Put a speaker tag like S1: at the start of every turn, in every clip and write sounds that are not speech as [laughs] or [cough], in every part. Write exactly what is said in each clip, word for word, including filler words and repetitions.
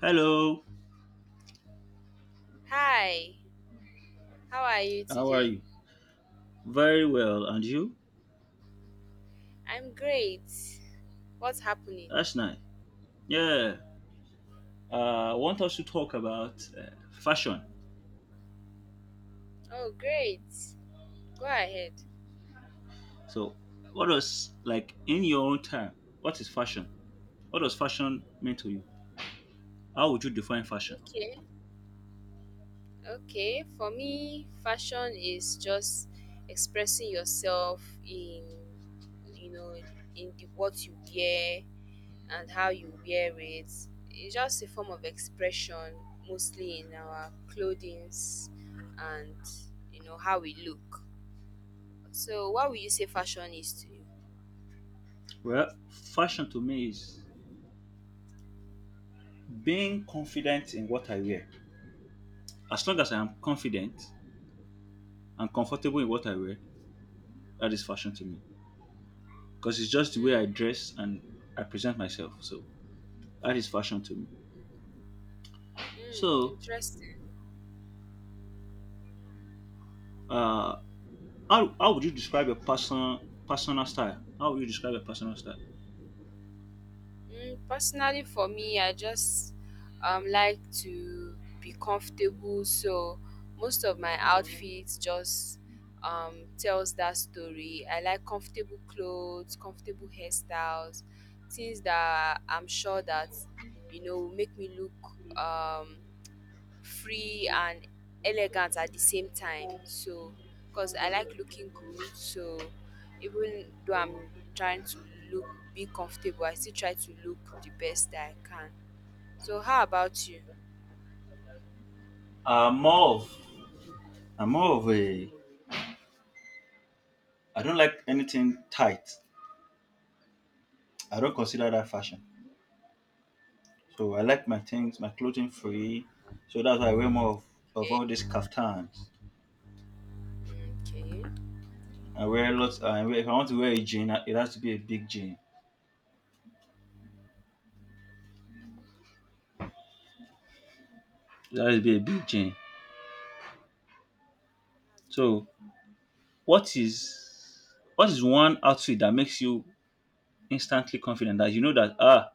S1: Hello,
S2: Hi, how are you
S1: how are
S2: today?
S1: you? Very well, and you?
S2: I'm great. What's happening?
S1: That's nice. Yeah, uh, I want us to talk about uh, fashion.
S2: Oh, great. Go ahead.
S1: So, what does, like, in your own time, what is fashion? What does fashion mean to you? How would you define fashion?
S2: Okay. Okay. For me, fashion is just expressing yourself in, you know, in the, what you wear and how you wear it. It's just a form of expression, mostly in our clothing and, you know, how we look. So, what would you say fashion is to
S1: Well, fashion to me is being confident in what I wear. As long as I am confident and comfortable in what I wear, that is fashion to me. Because it's just the way I
S2: you?
S1: dress and I present myself. So, that is fashion to me.
S2: Hmm. Mm,
S1: So,
S2: interesting.
S1: uh, How, how would you describe your person personal style? How would you describe your personal style?
S2: Mm, personally, for me, I just um, like to be comfortable. So most of my outfits just um, tells that story. I like comfortable clothes, comfortable hairstyles, things that I'm sure that you know will make me look um, free and elegant at the same time. So, because I like looking good, so even though I'm trying to look be comfortable, I still try to look the best that I can. So, how about you?
S1: I'm more of I'm more of a I don't like anything tight. I don't consider that fashion. So I like my things, my clothing free. So that's why I wear more of, of all these
S2: Okay,
S1: kaftans.
S2: okay,
S1: I wear lots. I wear, if I want to wear a jean, it has to be a big jean. It has to be a big jean.
S2: that's good.
S1: So what is what is one outfit that makes you instantly confident that you know that ah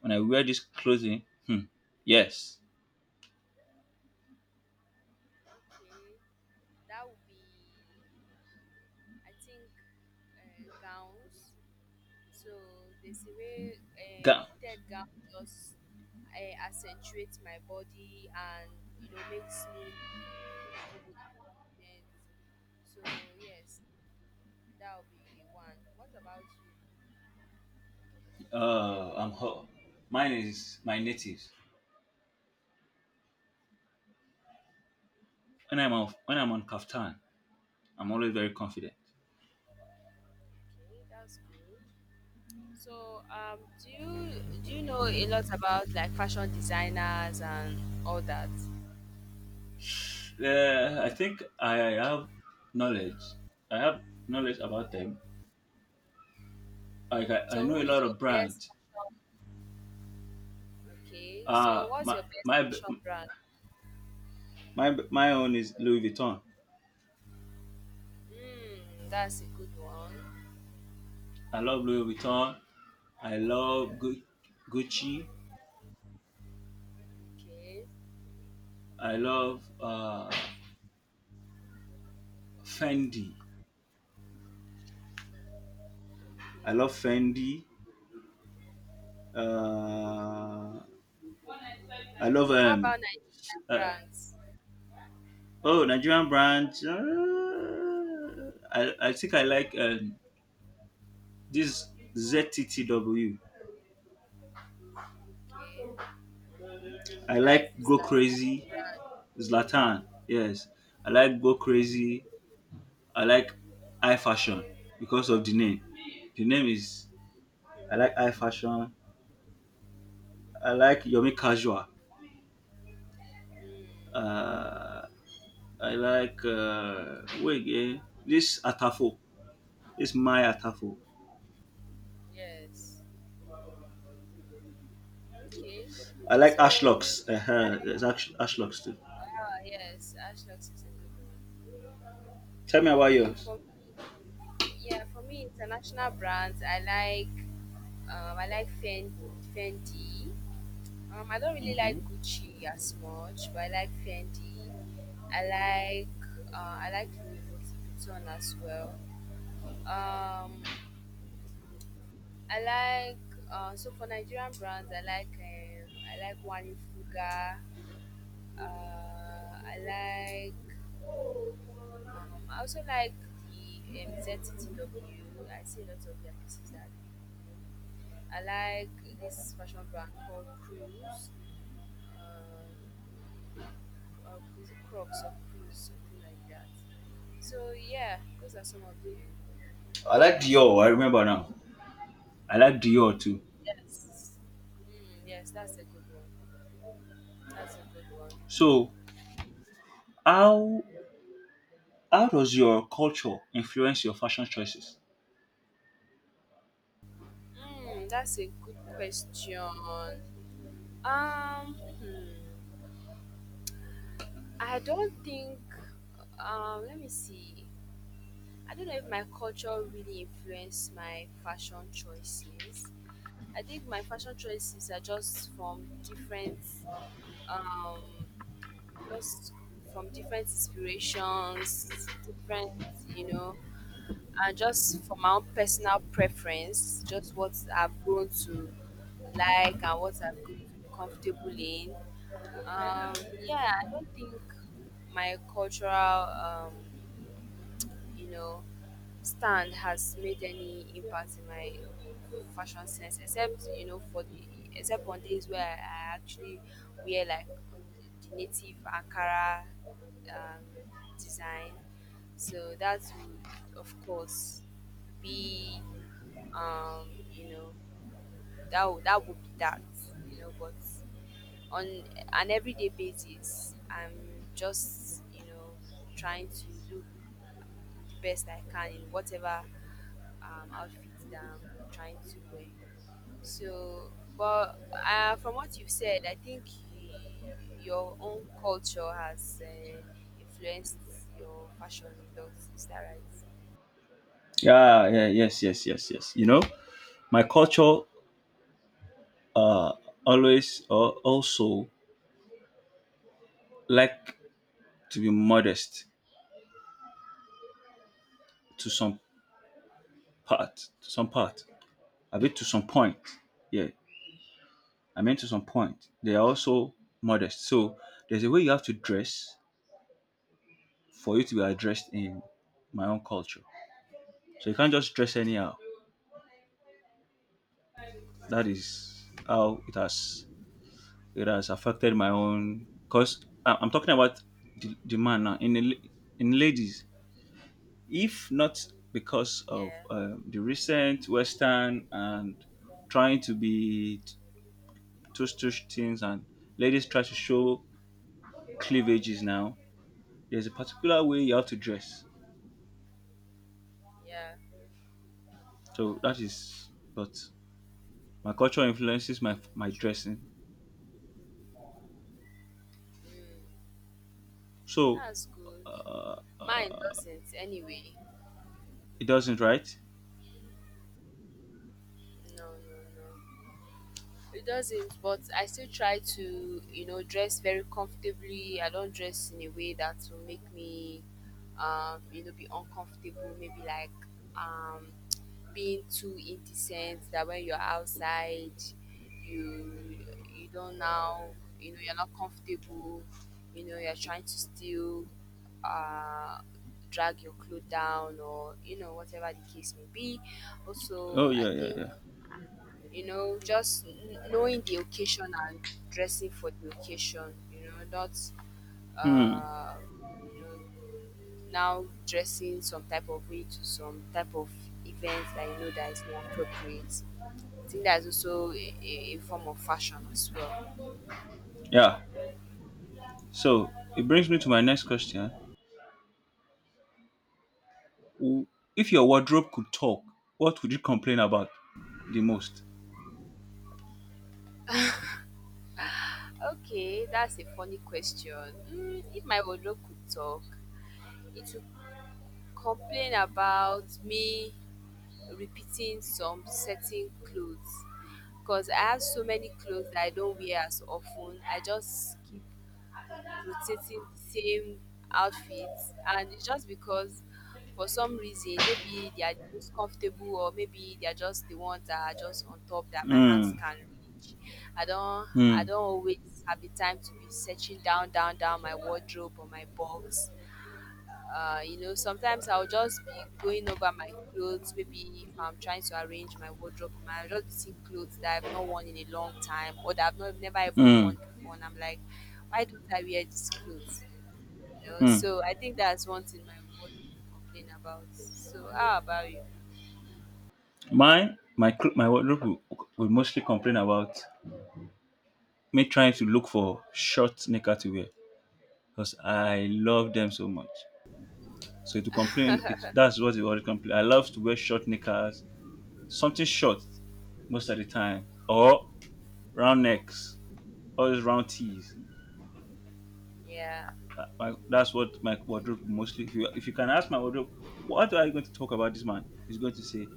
S1: when I wear this clothing, hmm, yes,
S2: Okay, that would be, I think, uh, gowns. So there's a way uh,
S1: Ga-
S2: fitted gown just uh, accentuates my body and you know makes me look good and confident. So yes, that will be one. What about you?
S1: uh, I'm ho- mine is my natives. When I'm off, when I'm on kaftan, I'm always very confident.
S2: Okay, that's good. So um, do you do you know a lot about like fashion designers and all that?
S1: Uh, I think I have knowledge. I have knowledge about them. Like I, I
S2: So
S1: know
S2: who
S1: a
S2: is
S1: lot
S2: your
S1: of
S2: best
S1: brands.
S2: fashion? Okay, so
S1: Uh
S2: what's
S1: my
S2: your best
S1: my
S2: fashion brand?
S1: my my own is Louis Vuitton.
S2: Hmm, that's a good one.
S1: I love Louis Vuitton. I love Gu- Gucci.
S2: Okay.
S1: I love uh, Fendi. I
S2: Okay,
S1: love Fendi.
S2: okay.
S1: Uh, I love
S2: How
S1: um,
S2: about Nigerian
S1: uh,
S2: brands?
S1: Oh, Nigerian branch. uh, I, I think I like um, this Z T T W.
S2: Okay,
S1: I
S2: that's
S1: like
S2: this
S1: Go
S2: Latam
S1: Crazy,
S2: brand.
S1: Zlatan. Yes. I like Go Crazy. I like I Fashion because of the name. The name is, I like I Fashion. I like Yomi Casual.
S2: Mm,
S1: Uh, I like, uh, wait again, this Atafo. This my Atafo.
S2: yes. Okay.
S1: I like
S2: So me,
S1: Ashlocks. Uh-huh.
S2: I,
S1: There's Ash- Ashlocks too.
S2: ah yes, Ashlox is a good one.
S1: Tell me about
S2: Okay,
S1: yours.
S2: for me, yeah, for me, international brands, I like, um, I like Fen- Fendi. Um, I don't really like
S1: Mhm.
S2: Gucci as much, but I like Fendi. I like, uh, I like Louis Vuitton as well. Um, I like uh, so for Nigerian brands, I like um, I like Wani Fuga. Uh, I like um, I also like the um, Z T T W. I see a lot of their pieces that are really cool. I like this fashion brand called Cruise. Uh, uh, is it Crocs or Cruise, something like that. So yeah, those are some of the
S1: I like
S2: um, fashion
S1: Dior. I remember
S2: brands.
S1: now. I like Dior too.
S2: Yes. Mm, yes, that's a good one. That's a good one.
S1: So how how does your culture influence your fashion choices?
S2: Mm, that's a good question. Um, hmm, I don't think. Um, let me see. I don't know if my culture really influenced my fashion choices. I think my fashion choices are just from different, um, just from different inspirations, different, you know. And just for my own personal preference, just what I've grown to like and what I've grown to be comfortable in. Um, yeah, I don't think my cultural, um, you know, stand has made any impact in my fashion sense, except you know for the except on days where I, I actually wear like the native Ankara um, design. So that would of course be um, you know that would, that would be that you know but on an everyday basis I'm just you know trying to look the best I can in whatever um, outfit that I'm trying to wear. So but uh, from what you've said I think y- your own culture has uh, influenced your fashion a lot, is that right?
S1: Yeah, yeah, yes, yes, yes, yes. You know, my culture uh always uh, also like to be modest to some part, to some part, a bit to some point. Yeah, I mean to some point. They are also modest. So there's a way you have to dress for you to be addressed in my own culture. So you can't just dress anyhow. That
S2: Mm,
S1: is how it has it has affected my own. Cause I- am talking about the, the man now in the, la- in ladies. If not because of
S2: yeah,
S1: um, the recent Western and trying to be tush tush things and ladies try to show cleavages now. There's a particular way you have to dress.
S2: yeah,
S1: So that is, but my culture influences my my
S2: mm,
S1: dressing.
S2: mm.
S1: So
S2: That's good. Mine doesn't anyway.
S1: it doesn't, right?
S2: No, no, no. It doesn't, but I still try to, you know, dress very comfortably. I don't dress in a way that will make me, um, you know, be uncomfortable. Maybe like um, being too indecent. That when you're outside, you you don't now, you know, you're not comfortable. You know, you're trying to still uh, drag your clothes down, or you know, whatever the case may be. Also,
S1: Oh
S2: I
S1: yeah, yeah,
S2: think
S1: yeah.
S2: you know, just kn- knowing the occasion and dressing for the occasion, you know, not,
S1: Hmm.
S2: uh, you know, now dressing some type of way to some type of events that you know that is not appropriate. I think that's also a, a a form of fashion as well.
S1: Yeah. So it brings me to my next question. W- If your wardrobe could talk, what would you complain about the most?
S2: Okay, that's a funny question. Mm, if my wardrobe could talk, it would complain about me repeating some certain clothes because I have so many clothes that I don't wear as often. I just keep rotating the same outfits, and it's just because for some reason, maybe they are the most comfortable, or maybe they are just the ones that are just on top that my hands
S1: Mm,
S2: can reach. I don't, I
S1: mm,
S2: don't always have the time to be searching down, down, down my wardrobe or my box. Uh, you know, sometimes I'll just be going over my clothes. Maybe if I'm trying to arrange my wardrobe, I'll just be seeing clothes that I've not worn in a long time or that I've not never even worn
S1: mm,
S2: before, and I'm like, why don't I wear these clothes? You know,
S1: mm.
S2: so I think that's one thing my wardrobe complain about. So how about you?
S1: Mine, my cl- my wardrobe will, will mostly complain about me trying to look for short knicker to wear because I love them so much. So to complain, it, that's what it always complain. I love to wear short knickers, something short most of the time, or round necks, all those round tees.
S2: Yeah.
S1: Uh, my, that's what my
S2: Okay.
S1: wardrobe mostly. If you if you can ask my wardrobe, what are you going to talk about this man? He's going to say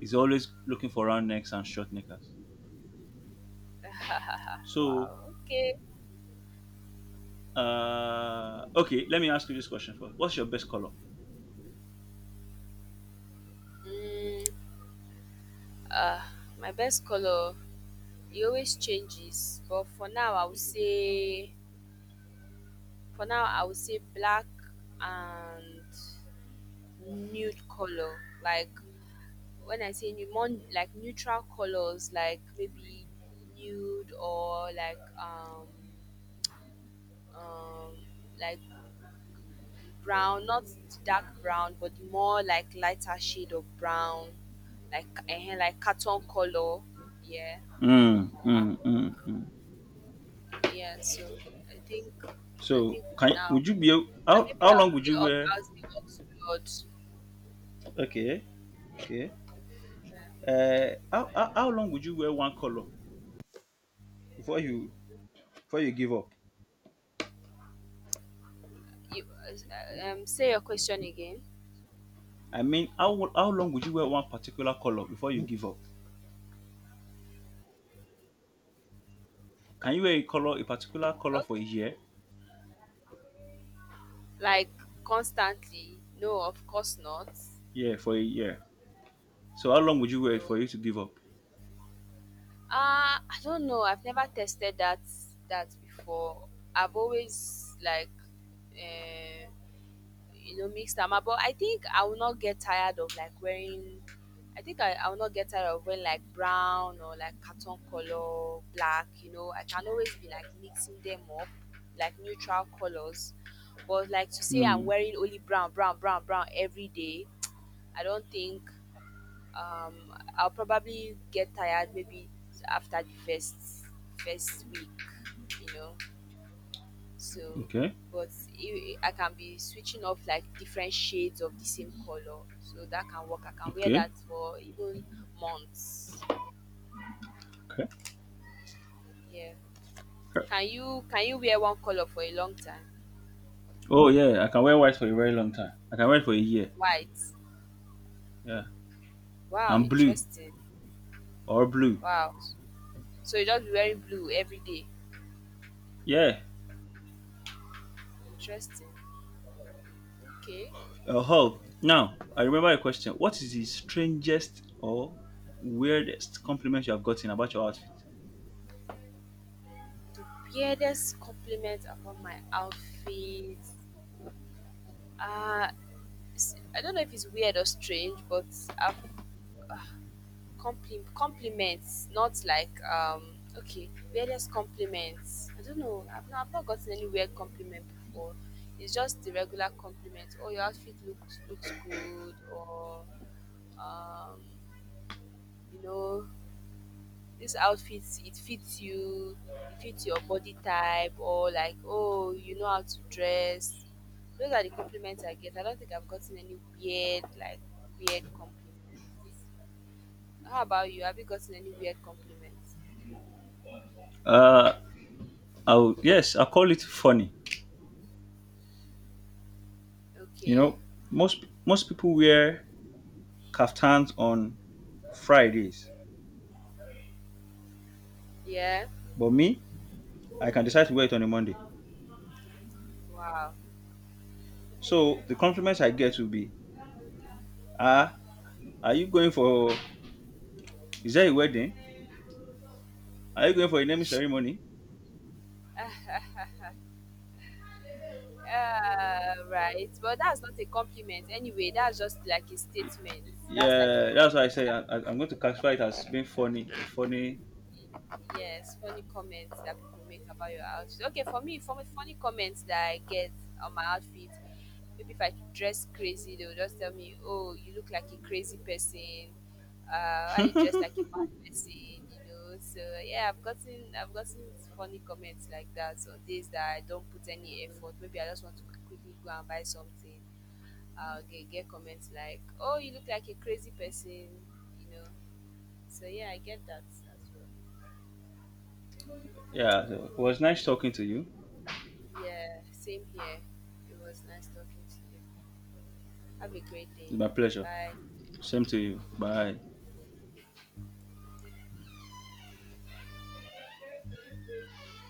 S1: he's always looking for round necks and short knickers.
S2: [laughs]
S1: So
S2: wow. Okay.
S1: uh okay, let me ask you this question first. What's your best color?
S2: Mm, uh, my best color. It always changes, but for now, I would say For now, I would say black and nude color. Like when I say nude, more like neutral colors, like maybe nude or like um um like brown, not the dark brown, but the more like lighter shade of brown, like uh, like carton color. Yeah,
S1: Mm,
S2: uh,
S1: mm, mm, mm.
S2: yeah. So I think I
S1: So
S2: think for
S1: can
S2: now,
S1: would you be a-
S2: and
S1: how
S2: maybe
S1: how
S2: I'll
S1: long would
S2: say
S1: you
S2: I'll
S1: wear?
S2: say oxblood.
S1: Okay, okay. Uh, how, how how long would you wear one color before you before you give up?
S2: You uh, um say your question again.
S1: I mean, how how long would you wear one particular color before you give up? Can you wear a color, a particular color for a
S2: Okay.
S1: year?
S2: Like constantly no of course not.
S1: Yeah, for a year. So how long would you wear it
S2: No
S1: for you to give up?
S2: uh I don't know I've never tested that that before. I've always like uh, you know mix them up but I think I will not get tired of like wearing i think i, I will not get tired of wearing like brown or like carton color black you know I can always be like mixing them up like neutral colors but like to say I'm
S1: Hmm.
S2: wearing only brown brown brown brown every day. I don't think um I'll probably get tired maybe after the first first week you know so,
S1: Okay.
S2: but i- I can be switching off like different shades of the same color. So that can work. I can wear that
S1: Okay.
S2: for even months.
S1: Okay.
S2: Yeah. Can you can you wear one color for a long time?
S1: Oh yeah, I can wear white for a very long time. I can wear it for a year.
S2: White.
S1: Yeah.
S2: Wow,
S1: And blue
S2: interesting.
S1: or blue.
S2: Wow. So you just be wearing blue every day.
S1: Yeah.
S2: Interesting. Okay.
S1: Uh, oh, now I remember a question. What is the strangest or weirdest compliment you have gotten about your outfit?
S2: The weirdest compliment about my outfit. Uh, it's- I don't know if it's weird or strange, but I've ah, Compli compliments, not like um okay, weirdest compliments. I don't know. I've not I've not gotten any weird compliment before. It's just the regular compliment. Oh, your outfit looks looks good, or um, you know, this outfit it fits you, it fits your body type, or like oh, you know how to dress. Those are the compliments I get. I don't think I've gotten any weird like weird compliments. How about you? Have you gotten any weird compliments?
S1: Uh, I'll yes, I'll call it funny. You
S2: Okay.
S1: know, most most people wear kaftans on Fridays.
S2: Yeah.
S1: But me, I can decide to wear it on a Monday.
S2: Wow.
S1: So the compliments I get will be, ah, are you going for, is there a wedding? Are you going for a naming ceremony?
S2: Ah. Uh, right. But that's not a compliment anyway. That's just like a statement. That's like
S1: Yeah,
S2: a
S1: that's why
S2: comment
S1: I say
S2: that
S1: I, I- I'm
S2: you
S1: going
S2: make.
S1: to classify it as being funny. Funny.
S2: Yes, funny comments that people make about your outfit. Okay, for me, for me, funny comments that I get on my outfit, maybe if I dress crazy, they will just tell me, "Oh, you look like a crazy person. Uh, why you dress like a mad person?" You know. So yeah, I've gotten I've gotten funny comments like that on days that I don't put any effort. Maybe I just want to quickly go and buy something. I'll get get comments like, "Oh, you look like a crazy person," you know. So yeah, I get that as well.
S1: Yeah, so it was nice talking to you.
S2: Yeah, same here. It was nice talking to you. Have a great
S1: It's
S2: day.
S1: my pleasure.
S2: Bye.
S1: Same to you. Bye.